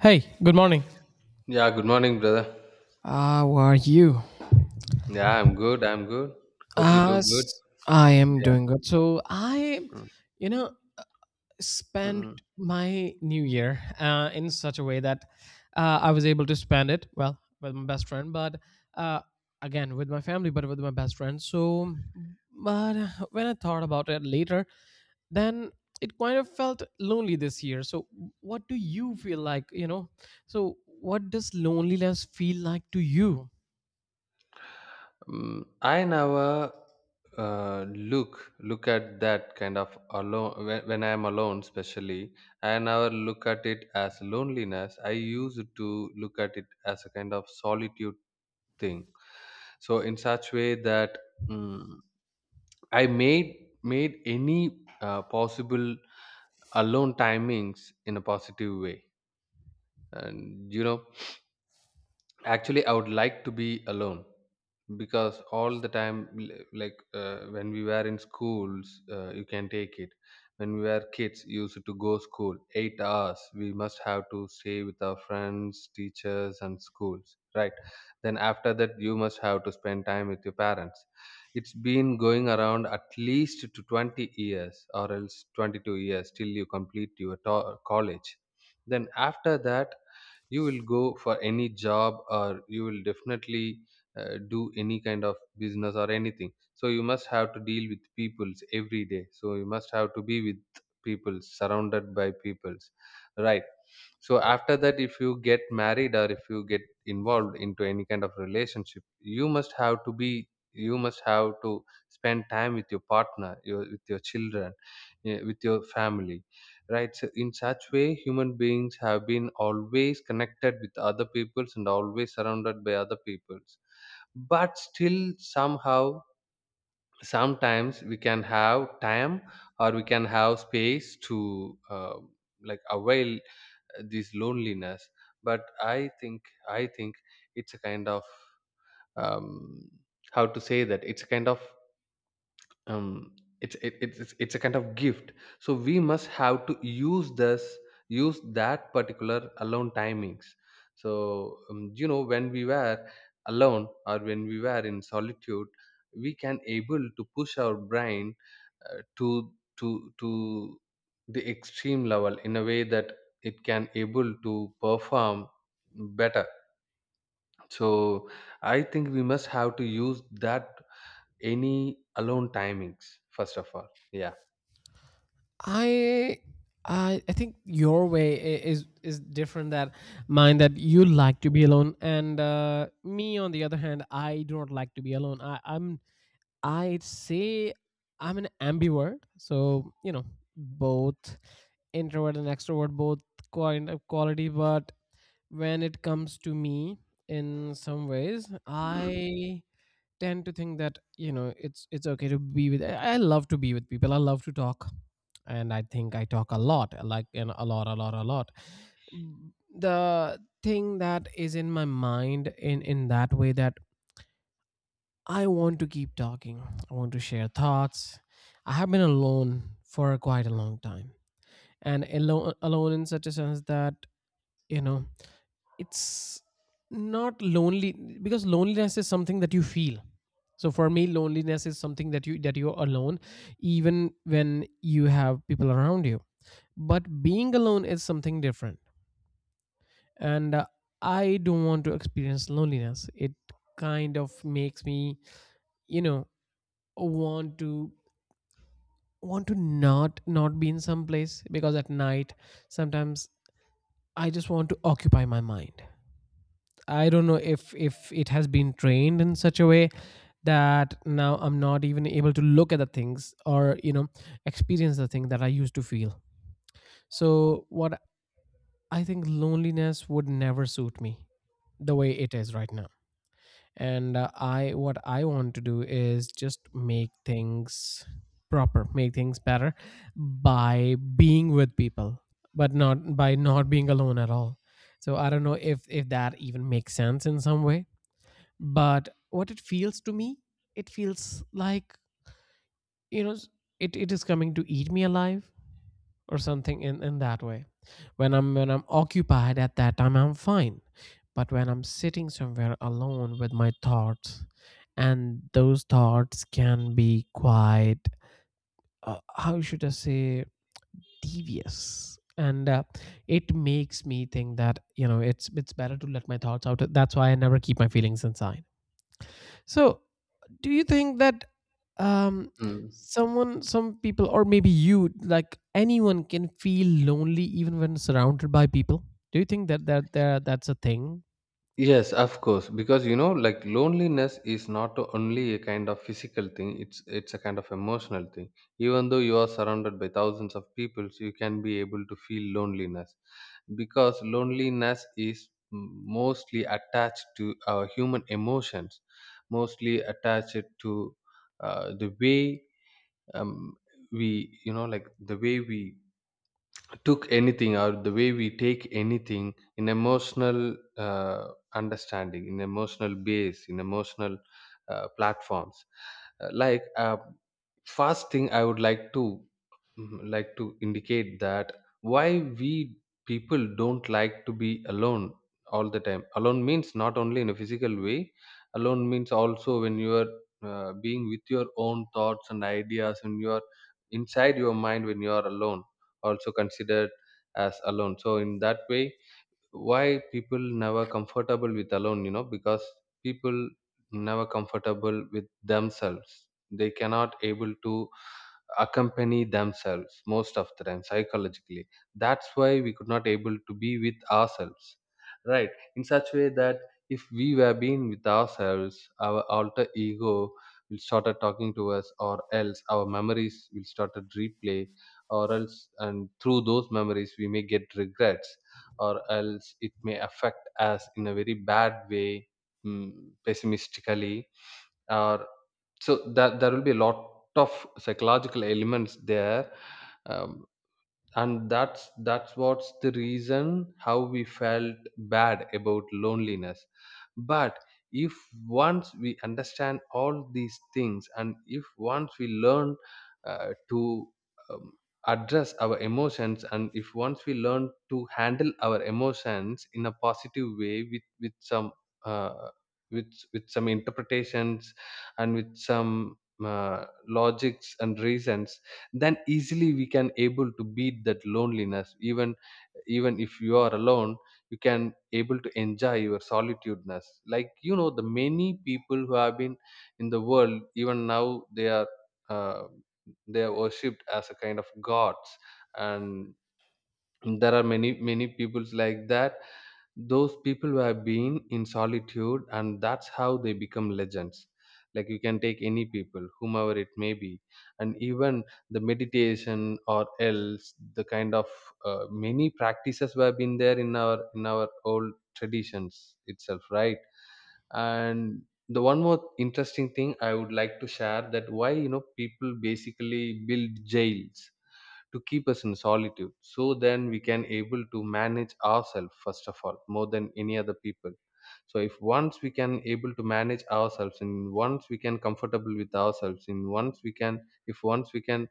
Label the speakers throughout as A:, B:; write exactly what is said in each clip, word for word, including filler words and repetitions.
A: Hey, good morning.
B: Yeah, good morning, brother.
A: How are you?
B: Yeah, I'm good. I'm good. Hope you too good.
A: As I am
B: Yeah.
A: doing good. So I, you know,
B: Mm,
A: spent my new year uh, in such a way that uh, I was able to spend it well with my best friend, but uh, again with my family, but with my best friend. So, but when I thought about it later, then it kind of felt lonely this year. So, what do you feel like? You know, so what does loneliness feel like to you?
B: mm, I never uh, look look at that kind of alone, when, when I am alone, especially. I never look at it as loneliness. I used to look at it as a kind of solitude thing. So in such way that, mm I made made any uh, possible alone timings in a positive way, and you know actually I would like to be alone, because all the time, l- like uh, when we were in schools, uh, you can take it, when we were kids, used to go school eight hours. We must have to stay with our friends, teachers and schools, right? Then after that, you must have to spend time with your parents. It's been going around at least to twenty years or else twenty-two years till you complete your to- college. Then after that, you will go for any job, or you will definitely uh, do any kind of business or anything. So you must have to deal with peoples every day, so you must have to be with people, surrounded by peoples, right? So after that, if you get married, or if you get involved into any kind of relationship, you must have to be you must have to spend time with your partner, your, with your children, eh, with your family, right? So in such way, human beings have been always connected with other peoples and always surrounded by other peoples. But still, somehow, sometimes we can have time, or we can have space to uh, like avail uh, this loneliness. But i think i think, it's a kind of, um, how to say that, it's a kind of, um, it's it, it's it's it's a kind of gift. So we must have to use this use that particular alone timings. So um, you know when we were alone, or when we were in solitude, we can able to push our brain, uh, to to to the extreme level, in a way that it can able to perform better. So I think we must have to use that any alone timings, first of all, yeah.
A: I I I think your way i- is is different than mine. That you like to be alone, and uh, me on the other hand, I do not like to be alone. I, I'm I'd say I'm an ambivert, so you know both introvert and extrovert, both kind of quality. But when it comes to me, in some ways, I tend to think that you know it's it's okay to be with I, I love to be with people. I love to talk, and I think I talk a lot, like, and a lot, a lot, a lot. Mm, the thing that is in my mind in in that way, that I want to keep talking, I want to share thoughts. I have been alone for quite a long time, and alone alone in such a sense that, you know, it's not lonely, because loneliness is something that you feel. So for me, loneliness is something that you that you're alone even when you have people around you, but being alone is something different. And uh, I don't want to experience loneliness. It kind of makes me, you know, want to want to not not be in some place, because at night sometimes I just want to occupy my mind. I don't know if if it has been trained in such a way that now I'm not even able to look at the things, or, you know, experience the thing that I used to feel. So what, I think loneliness would never suit me the way it is right now. And uh, I, what I want to do is just make things proper, make things better by being with people, but not by not being alone at all. So I don't know if if that even makes sense in some way, but what it feels to me, it feels like, you know, it, it is coming to eat me alive or something, in, in that way. When i'm when i'm occupied, at that time I'm fine, but when I'm sitting somewhere alone with my thoughts, and those thoughts can be quite, uh, how should I say, devious, and uh, it makes me think that, you know, it's it's better to let my thoughts out. That's why I never keep my feelings inside. So do you think that, um
B: Mm.
A: someone, some people, or maybe you, like, anyone can feel lonely even when surrounded by people? Do you think that that there that's a thing?
B: Yes, of course, because you know, like loneliness is not only a kind of physical thing, it's it's a kind of emotional thing. Even though you are surrounded by thousands of people, so you can be able to feel loneliness, because loneliness is m- mostly attached to our human emotions, mostly attached to uh, the way, um, we, you know, like the way we took anything, or the way we take anything in emotional, uh, understanding, in emotional base, in emotional, uh, platforms. Uh, like uh, first thing I would like to mm, like to indicate that why we people don't like to be alone all the time. Alone means not only in a physical way, alone means also when you are uh, being with your own thoughts and ideas, when you are inside your mind, when you are alone, also considered as alone. So in that way, why people never comfortable with alone, you know because people never comfortable with themselves, they cannot able to accompany themselves most of the time psychologically. That's why we could not able to be with ourselves, right? In such way that, if we were being with ourselves, our alter ego will started talking to us, or else our memories will started replay, or else and through those memories we may get regrets, or else it may affect us in a very bad way, mm, pessimistically, or so that there will be a lot of psychological elements there. Um, and that's that's what's the reason how we felt bad about loneliness. But if once we understand all these things, and if once we learn uh, to um, address our emotions, and if once we learn to handle our emotions in a positive way with with some uh, with with some interpretations, and with some uh, logics and reasons, then easily we can able to beat that loneliness, even even if you are alone, you can able to enjoy your solitudeness, like you know the many people who have been in the world, even now they are, uh, they are worshipped as a kind of gods. And there are many many peoples like that, those people who have been in solitude, and that's how they become legends. Like you can take any people, whomever it may be. And even the meditation, or else the kind of uh, many practices were been there in our in our old traditions itself, right? And the one more interesting thing I would like to share, that why you know people basically build jails to keep us in solitude, so then we can able to manage ourselves first of all, more than any other people. So if once we can able to manage ourselves, and once we can comfortable with ourselves, and once we can if once we can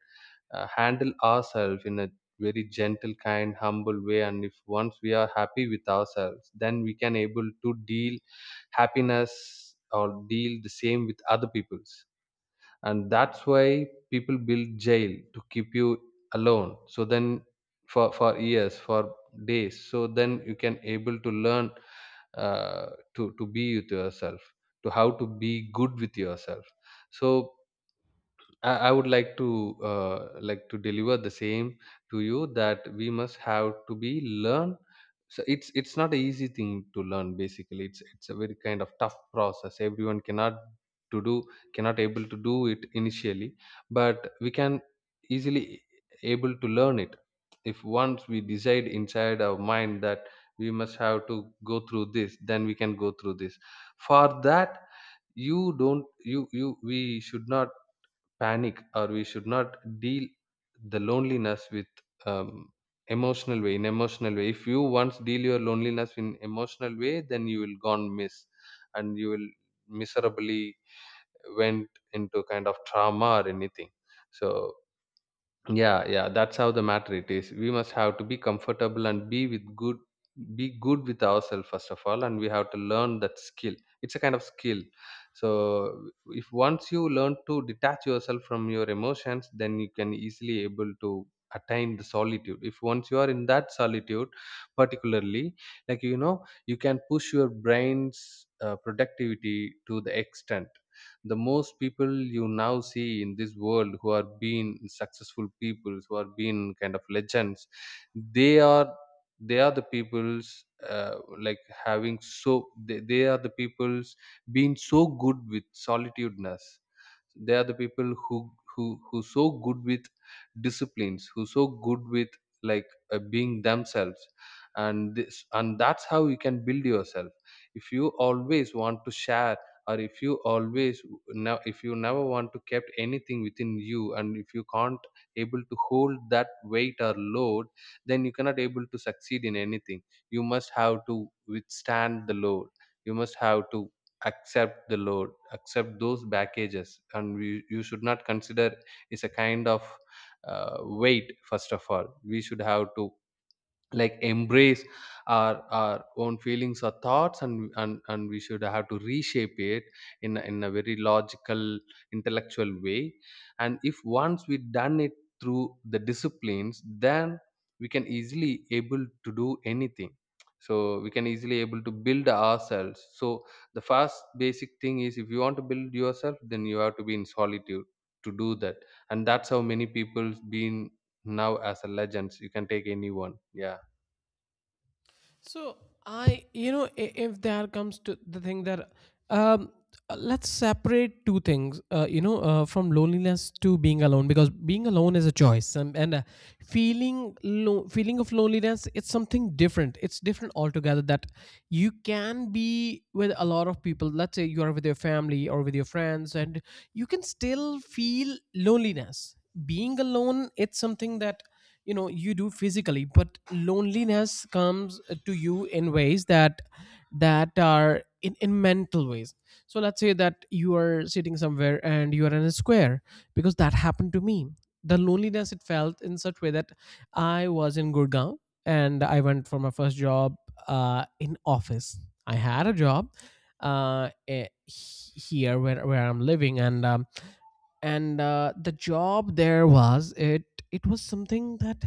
B: uh, handle ourselves in a very gentle, kind, humble way, and if once we are happy with ourselves, then we can able to deal happiness, or deal the same with other people's. And that's why people build jail to keep you alone, so then, for for years, for days, so then you can able to learn uh, to to be with yourself, to how to be good with yourself. So I, I would like to uh, like to deliver the same to you, that we must have to be learn. So it's it's not an easy thing to learn. Basically, it's it's a very kind of tough process. Everyone cannot to do cannot able to do it initially, but we can easily able to learn it, if once we decide inside our mind that we must have to go through this, then we can go through this. For that, you don't you you we should not panic, or we should not deal the loneliness with, um, emotional way. In emotional way, if you once deal your loneliness in emotional way, then you will gone miss, and you will miserably went into kind of trauma or anything. So yeah, yeah, that's how the matter it is, we must have to be comfortable and be with good be good with ourselves first of all, and we have to learn that skill. It's a kind of skill. So if once you learn to detach yourself from your emotions, then you can easily able to attain the solitude. If once you are in that solitude particularly, like you know you can push your brain's uh, productivity to the extent. The most people you now see in this world who are being successful people, who are being kind of legends, they are they are the people's uh, like having, so they, they are the people's, being so good with solitudeness. They are the people who who who so good with disciplines, who so good with, like, uh, being themselves. And this and that's how you can build yourself. If you always want to share, or if you always now if you never want to kept anything within you, and if you can't able to hold that weight or load, then you cannot able to succeed in anything. You must have to withstand the load, you must have to accept the load, accept those packages, and we, you should not consider it's a kind of uh, weight. First of all, we should have to, like, embrace our our own feelings or thoughts, and and, and we should have to reshape it in a, in a very logical, intellectual way. And if once we done it through the disciplines, then we can easily able to do anything, so we can easily able to build ourselves. So the first basic thing is, if you want to build yourself, then you have to be in solitude to do that. And that's how many people's been now as a legends, you can take anyone, yeah.
A: So I, you know, i- if there comes to the thing that, um, uh, let's separate two things, uh, you know, uh, from loneliness to being alone, because being alone is a choice, and and uh, feeling lo- feeling of loneliness, it's something different. It's different altogether. That you can be with a lot of people. Let's say you are with your family or with your friends, and you can still feel loneliness. Being alone, it's something that, you know, you do physically, but loneliness comes to you in ways that that are in, in mental ways. So let's say that you are sitting somewhere and you are in a square, because that happened to me. The loneliness, it felt in such way that I was in Gurgaon, and I went for my first job, uh, in office. I had a job, uh, eh, he- here where, where I'm living, and um, and uh, the job there was, it it was something that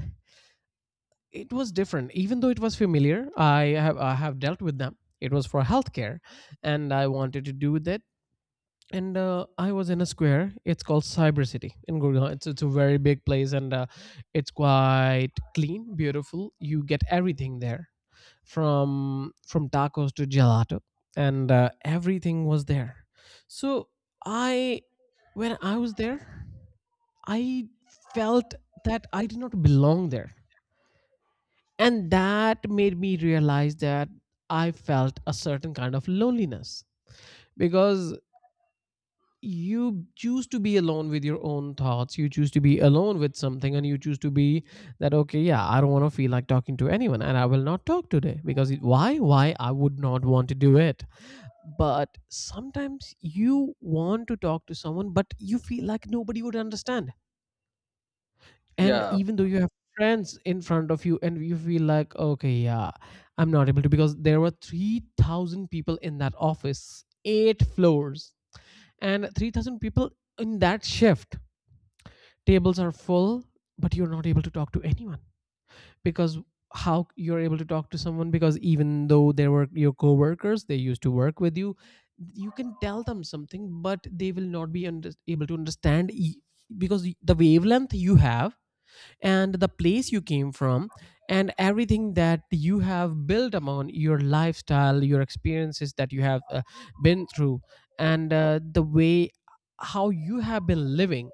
A: it was different, even though it was familiar. i have I have dealt with them. It was for healthcare, and I wanted to do that. And uh, I was in a square. It's called Cyber City in Gurgaon. It's, it's a very big place, and uh, it's quite clean, beautiful. You get everything there, from from tacos to gelato, and uh, everything was there. So I, when I was there, I felt that I did not belong there, and that made me realize that I felt a certain kind of loneliness. Because you choose to be alone with your own thoughts. You choose to be alone with something, and you choose to be that, okay, yeah, I don't want to feel like talking to anyone, and I will not talk today because it- why? Why? I would not want to do it. But sometimes you want to talk to someone, but you feel like nobody would understand, and
B: Yeah,
A: even though you have friends in front of you and you feel like, okay, yeah, I'm not able to, because there were three thousand people in that office, eight floors, and three thousand people in that shift. Tables are full, but you're not able to talk to anyone. Because how you're able to talk to someone? Because even though they were your coworkers, they used to work with you, you can tell them something, but they will not be under- able to understand. E- because the wavelength you have, and the place you came from, and everything that you have built upon, your lifestyle, your experiences that you have uh, been through, and uh, the way how you have been living,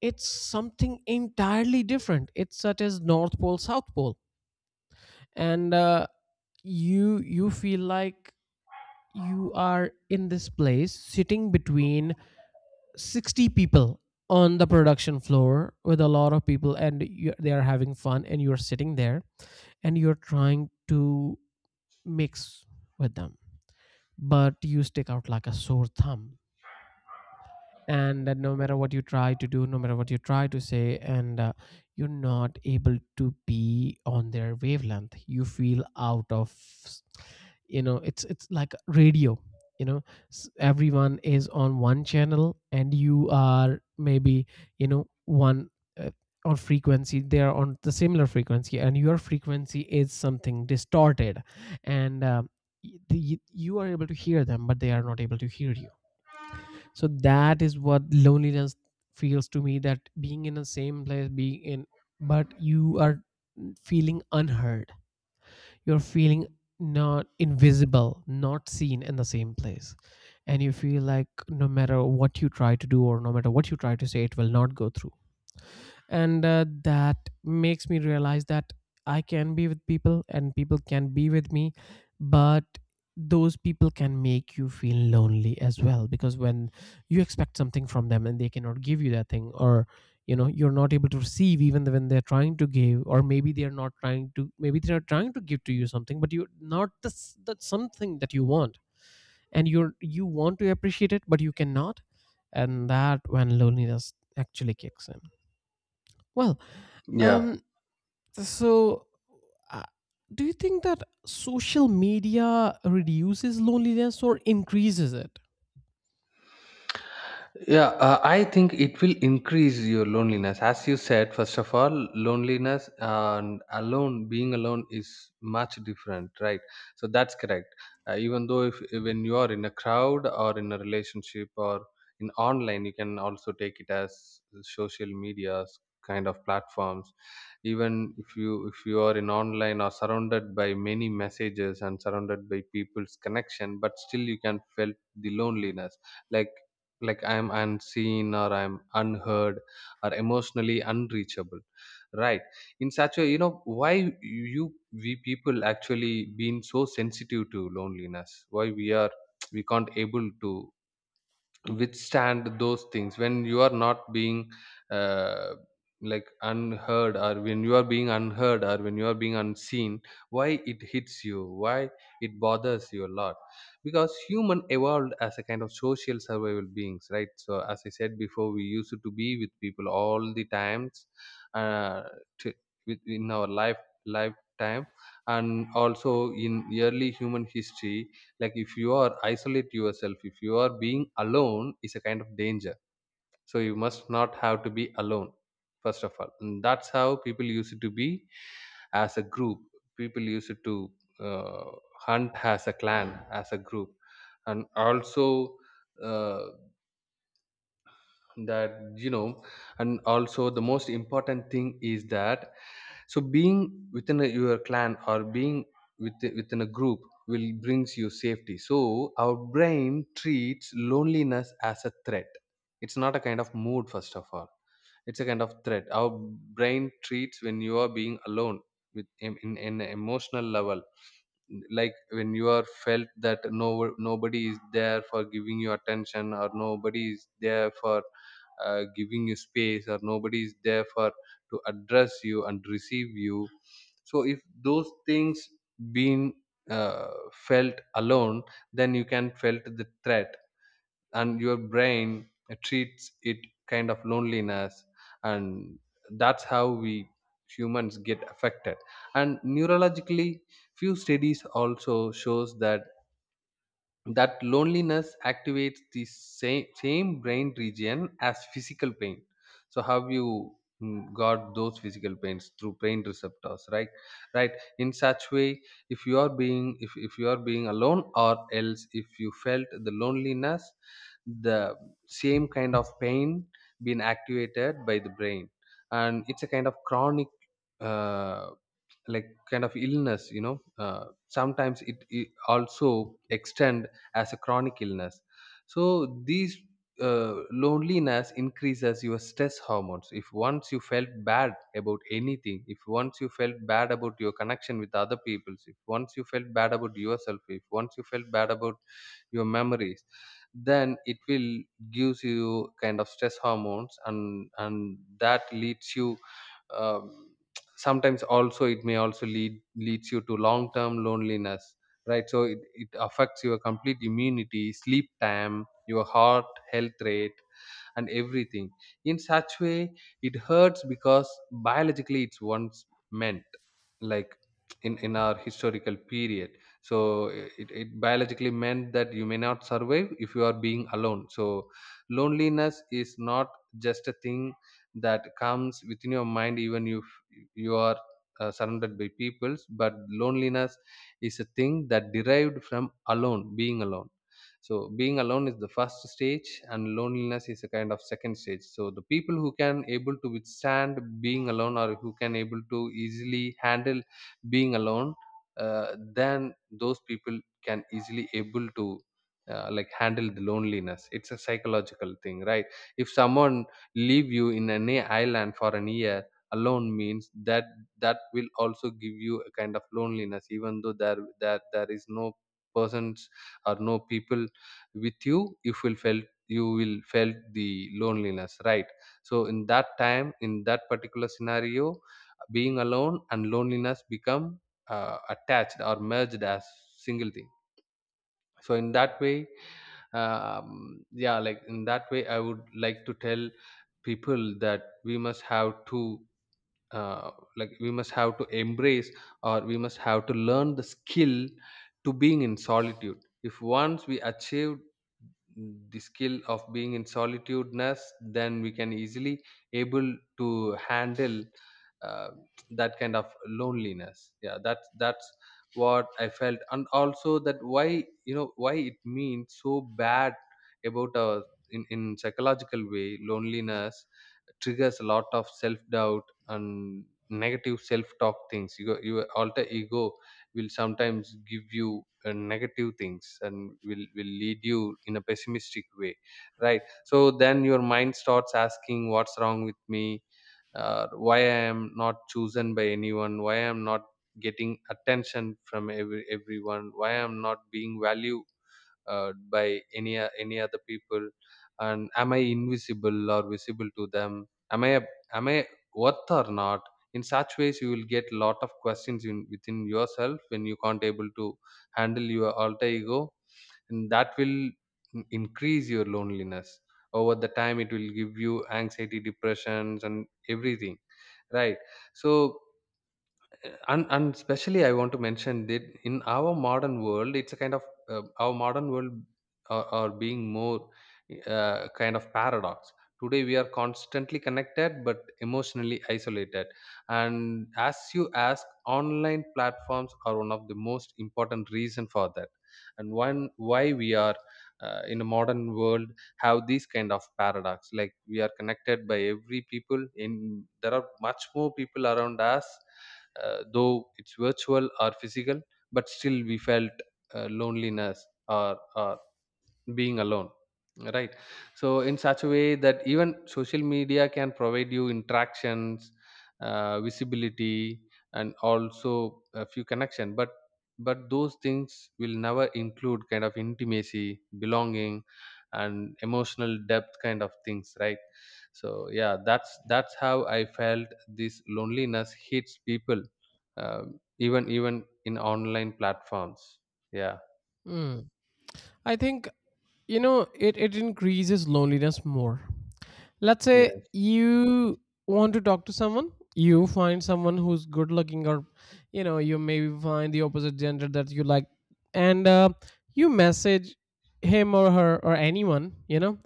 A: it's something entirely different. It's such as North Pole, South Pole. And uh, you, you feel like you are in this place sitting between sixty people on the production floor with a lot of people, and you, they are having fun and you're sitting there, and you're trying to mix with them, but you stick out like a sore thumb. And that, no matter what you try to do, no matter what you try to say, and uh, you're not able to be on their wavelength. You feel out of, you know, it's it's like radio, you know. S- everyone is on one channel, and you are maybe, you know, one, uh, on frequency. They are on the similar frequency, and your frequency is something distorted. And um, y- the, you are able to hear them, but they are not able to hear you. So that is what loneliness feels to me, that being in the same place, being in, but you are feeling unheard. You're feeling not invisible, not seen, in the same place. And you feel like no matter what you try to do or no matter what you try to say, it will not go through. And uh, that makes me realize that I can be with people and people can be with me, but those people can make you feel lonely as well. Because when you expect something from them and they cannot give you that thing, or, you know, you're not able to receive even when they're trying to give, or maybe they're not trying to, maybe they're trying to give to you something, but you're not the, s- the something that you want, and you're you want to appreciate it but you cannot. And that when loneliness actually kicks in. Well,
B: yeah.
A: um, so, uh, do you think that social media reduces loneliness or increases it?
B: Yeah, uh, I think it will increase your loneliness. As you said, first of all, loneliness and alone, being alone is much different, right? So that's correct. Uh, even though if, when you are in a crowd or in a relationship or in online, you can also take it as social medias kind of platforms. Even if you if you are in online or surrounded by many messages and surrounded by people's connection, but still you can felt the loneliness, like, like I'm unseen or I'm unheard or emotionally unreachable, right? In such a, you know why you we people actually been so sensitive to loneliness, why we are we can't able to withstand those things when you are not being uh, like unheard, or when you are being unheard, or when you are being unseen. Why it hits you, why it bothers you a lot. Because human evolved as a kind of social survival beings, right? So as I said before, we used to be with people all the times, uh, to, with, in our life lifetime, and also in early human history. Like, if you are isolate yourself, if you are being alone is a kind of danger. So you must not have to be alone, first of all. And that's how people used to be, as a group. People used to uh, hunt as a clan, as a group. And also, uh, that you know and also the most important thing is that, so being within a, your clan, or being with, within a group will brings you safety. So our brain treats loneliness as a threat. It's not a kind of mood, first of all. It's a kind of threat our brain treats when you are being alone, with in, in an emotional level. Like when you are felt that no nobody is there for giving you attention, or nobody is there for uh, giving you space, or nobody is there for to address you and receive you. So if those things been uh, felt alone, then you can felt the threat, and your brain treats it kind of loneliness. And that's how we humans get affected. And neurologically, few studies also shows that that loneliness activates the same, same brain region as physical pain. So have you mm, got those physical pains through pain receptors, right? Right. In such way, if you are being if, if you are being alone, or else if you felt the loneliness, the same kind of pain being activated by the brain. And it's a kind of chronic, uh, like kind of illness you know uh, Sometimes it, it also extend as a chronic illness. So these uh, loneliness increases your stress hormones. If once you felt bad about anything, if once you felt bad about your connection with other people, if once you felt bad about yourself, if once you felt bad about your memories, then it will gives you kind of stress hormones, and and that leads you, um, sometimes also it may also lead leads you to long term loneliness, right? So it, it affects your complete immunity, sleep time, your heart health rate, and everything. In such way, it hurts because biologically it's once meant, like, in in our historical period. So it, it biologically meant that you may not survive if you are being alone. So loneliness is not just a thing that comes within your mind, even if you are uh, surrounded by peoples, but loneliness is a thing that derived from alone, being alone. So being alone is the first stage, and loneliness is a kind of second stage. So the people who can able to withstand being alone, or who can able to easily handle being alone, uh, then those people can easily able to uh, like handle the loneliness. It's a psychological thing, right? If someone leave you in any island for an year alone, means that that will also give you a kind of loneliness, even though there there there is no persons or no people with you, if will felt you will felt the loneliness, right? So in that time, in that particular scenario, being alone and loneliness become uh, attached or merged as single thing. So in that way, um, yeah, like in that way I would like to tell people that we must have two, uh, like we must have to embrace, or we must have to learn the skill to being in solitude. If once we achieve the skill of being in solitudeness, then we can easily able to handle uh, that kind of loneliness. Yeah, that's that's what I felt. And also that, why you know why it means so bad about our, in, in psychological way, loneliness triggers a lot of self doubt and negative self-talk things. Your, your alter ego will sometimes give you uh, negative things and will will lead you in a pessimistic way, right? So then your mind starts asking, what's wrong with me, uh, why I am not chosen by anyone, why I am not getting attention from every everyone, why I am not being value uh, by any o- any other people, and am I invisible or visible to them, am i a- am I worth or not. In such ways you will get lot of questions, in, within yourself, when you can't able to handle your alter ego, and that will in- increase your loneliness. Over the time, it will give you anxiety, depressions, and everything, right? So and and especially I want to mention that in our modern world it's a kind of, uh, our modern world are, are being more uh, kind of paradox. Today we are constantly connected but emotionally isolated. And as you ask, online platforms are one of the most important reason for that. And one, why we are uh, in a modern world have these kind of paradox, like we are connected by every people in, there are much more people around us, uh, though it's virtual or physical, but still we felt uh, loneliness, or, or being alone, right? So in such a way that, even social media can provide you interactions, uh, visibility, and also a few connection, but but those things will never include kind of intimacy, belonging, and emotional depth kind of things, right? So yeah, that's that's how I felt this loneliness hits people, um, even even in online platforms, yeah.
A: Hmm. I think, you know, it, it increases loneliness more. Let's
B: Yeah,
A: say you want to talk to someone, you find someone who's good looking, or, you know, you maybe find the opposite gender that you like, and uh, you message him or her or anyone, you know,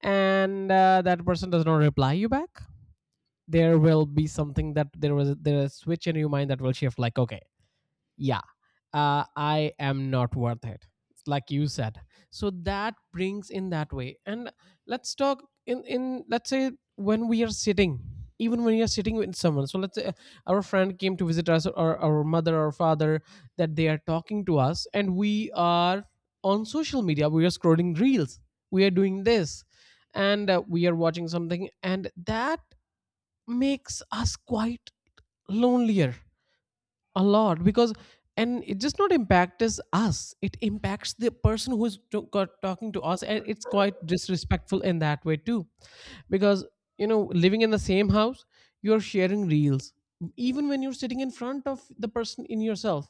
A: and uh, that person does not reply you back. There will be something, that there was there a switch in your mind that will shift like, okay, yeah, uh, I am not worth it, like you said. So that brings in that way. And let's talk in in let's say when we are sitting, even when you're sitting with someone. So let's say, uh, our friend came to visit us, or our mother or father, that they are talking to us and we are on social media, we are scrolling reels, we are doing this, and uh, we are watching something, and that makes us quite lonelier a lot. Because, and it just not impacts us, it impacts the person who is to, got, talking to us, and it's quite disrespectful in that way too. Because, you know, living in the same house you're sharing reels, even when you're sitting in front of the person. In yourself,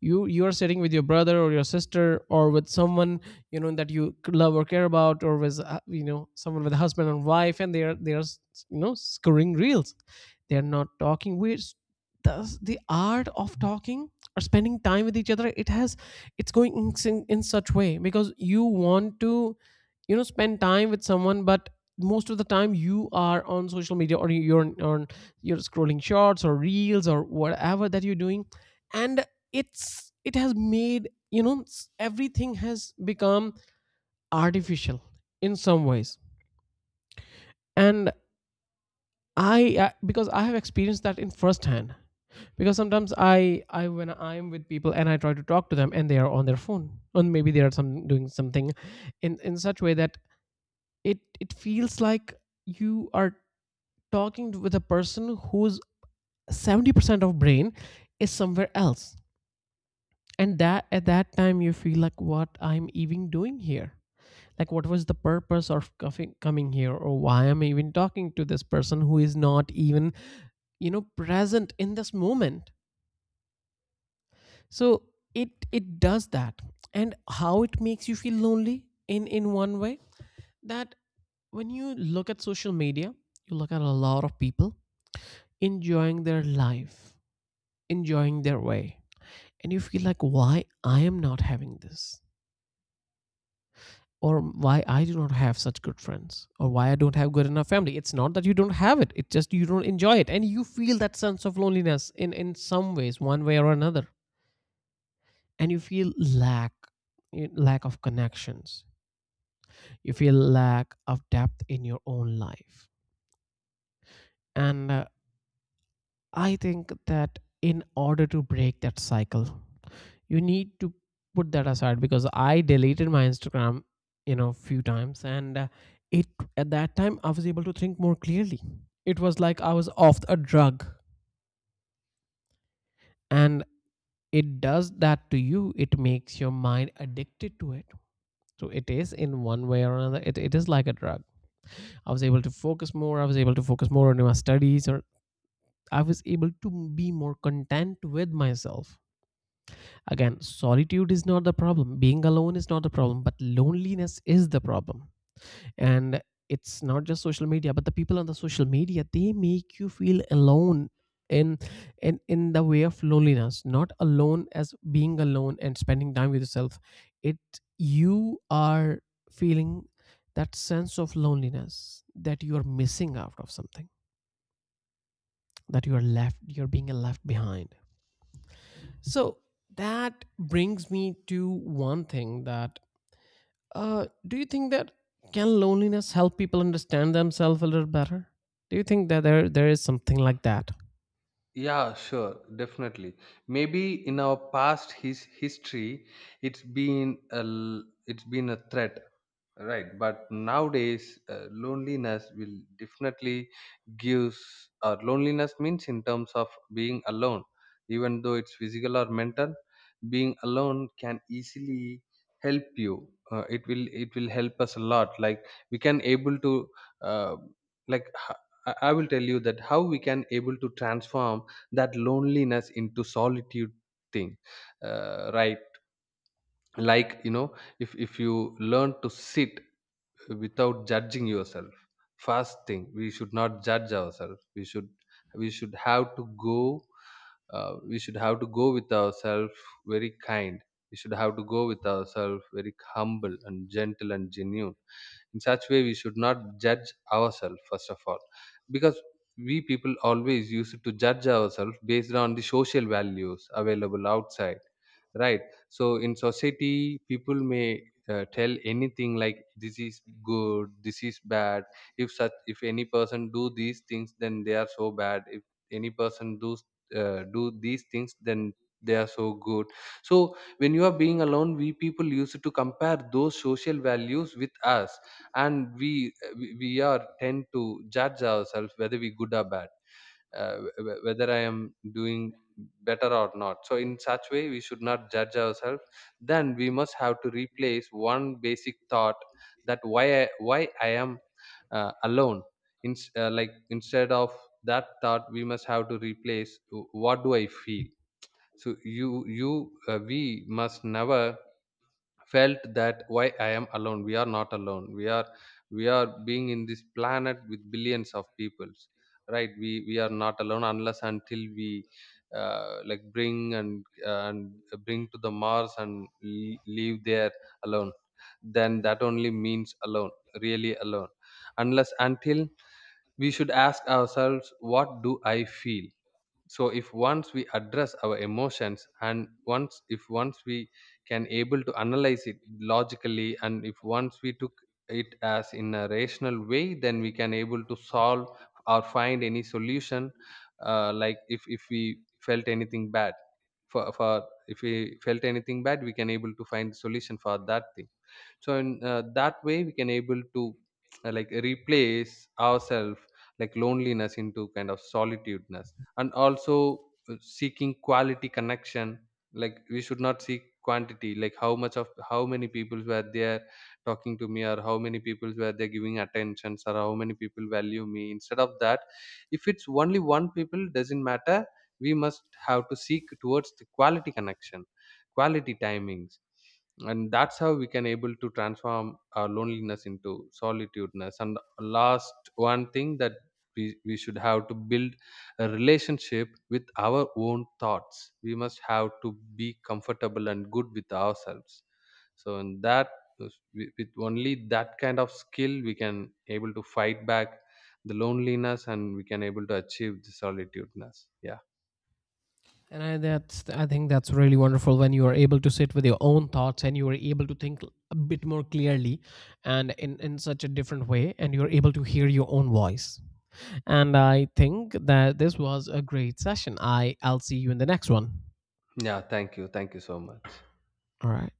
A: you you are sitting with your brother or your sister, or with someone, you know, that you c- love or care about, or with, uh, you know, someone, with a husband and wife, and they are they are s- you know scoring reels, they are not talking. We does the art of talking or spending time with each other, it has, it's going in, sin- in such way, because you want to, you know, spend time with someone, but most of the time you are on social media, or you're on, you're scrolling shorts or reels or whatever that you're doing. And it's it has made, you know, s- everything has become artificial in some ways. And I uh, because I have experienced that in first hand. Because sometimes i i when I'm with people and I try to talk to them and they are on their phone, and maybe they are some doing something, in in such way that it it feels like you are talking with a person whose seventy percent of brain is somewhere else. And that, at that time, you feel like, what I'm even doing here, like what was the purpose of cuffing, coming here, or why am I even talking to this person who is not even, you know, present in this moment. So it it does that. And how it makes you feel lonely, in in one way, that when you look at social media, you look at a lot of people enjoying their life, enjoying their way, and you feel like, why I am not having this, or why I do not have such good friends, or why I don't have good enough family. It's not that you don't have it. It's just you don't enjoy it, and you feel that sense of loneliness in in some ways, one way or another. And you feel lack, lack of connections. You feel lack of depth in your own life. And uh, I think that in order to break that cycle, you need to put that aside. Because I deleted my Instagram, you know, few times, and uh, it, at that time I was able to think more clearly. It was like I was off a drug. And it does that to you, it makes your mind addicted to it. So it is, in one way or another, it, it is like a drug. I was able to focus more, I was able to focus more on my studies, or I was able to be more content with myself. Again, solitude is not the problem. Being alone is not the problem, but loneliness is the problem. And it's not just social media, but the people on the social media, they make you feel alone, in in in the way of loneliness, not alone as being alone and spending time with yourself. It, you are feeling that sense of loneliness, that you are missing out of something, that you are left, you're being left behind. So that brings me to one thing, that, Uh, do you think that, can loneliness help people understand themselves a little better? Do you think that there there is something like that?
B: yeah, sure, definitely. Maybe in our past his history, it's been a l- it's been a threat, right, but nowadays uh, loneliness will definitely gives, or loneliness means in terms of being alone, even though it's physical or mental. Being alone can easily help you. Uh, it will it will help us a lot. Like, we can able to uh, like h- I I will tell you that how we can able to transform that loneliness into solitude thing. Uh, right, like you know if if you learn to sit without judging yourself, first thing, we should not judge ourselves, we should we should have to go, uh, we should have to go with ourselves very kind, we should have to go with ourselves very humble and gentle and genuine. In such way, we should not judge ourselves, first of all. Because we people always used to judge ourselves based on the social values available outside, right? So in society, people may uh, tell anything, like this is good, this is bad. If such if any person do these things, then they are so bad. If any person do uh, do these things, then they are so good. So when you are being alone, we people used to compare those social values with us, and we we we are tend to judge ourselves whether we good or bad, uh, wh- whether I am doing better or not. So in such way, we should not judge ourselves. Then we must have to replace one basic thought, that why i, why I am uh, alone. In, uh, like, instead of that thought, we must have to replace, "Wh- what do I feel." So you you uh, we must never felt that, why I am alone, we are not alone, we are we are being in this planet with billions of peoples, right? We we are not alone, unless until we uh, like bring and and bring to the Mars and l- leave there alone. Then that only means alone, really alone. Unless until, we should ask ourselves, what do I feel. So if once we address our emotions, and once if once we can able to analyze it logically, and if once we took it as in a rational way, then we can able to solve or find any solution. Uh, like, if if we felt anything bad for for if we felt anything bad, we can able to find solution for that thing. So in uh, that way, we can able to uh, like replace ourselves, like loneliness into kind of solitudeness. And also uh, seeking quality connection, like we should not seek quantity, like how much of how many people were there talking to me, or how many people were there giving attentions, or how many people value me. Instead of that, if it's only one people, doesn't matter, we must have to seek towards the quality connection, quality timings. And that's how we can able to transform our loneliness into solitudeness. And last one thing, that we, we should have to build a relationship with our own thoughts. We must have to be comfortable and good with ourselves. So in that, is- with with only that kind of skill, we can able to fight back the loneliness, and we can able to achieve the solitudeness. Yeah.
A: And I, that's, I think that's really wonderful when you are able to sit with your own thoughts and you are able to think a bit more clearly, and in in such a different way, and you are able to hear your own voice. And I think that this was a great session. I I'll see you in the next one.
B: Yeah, thank you, thank you so much.
A: All right.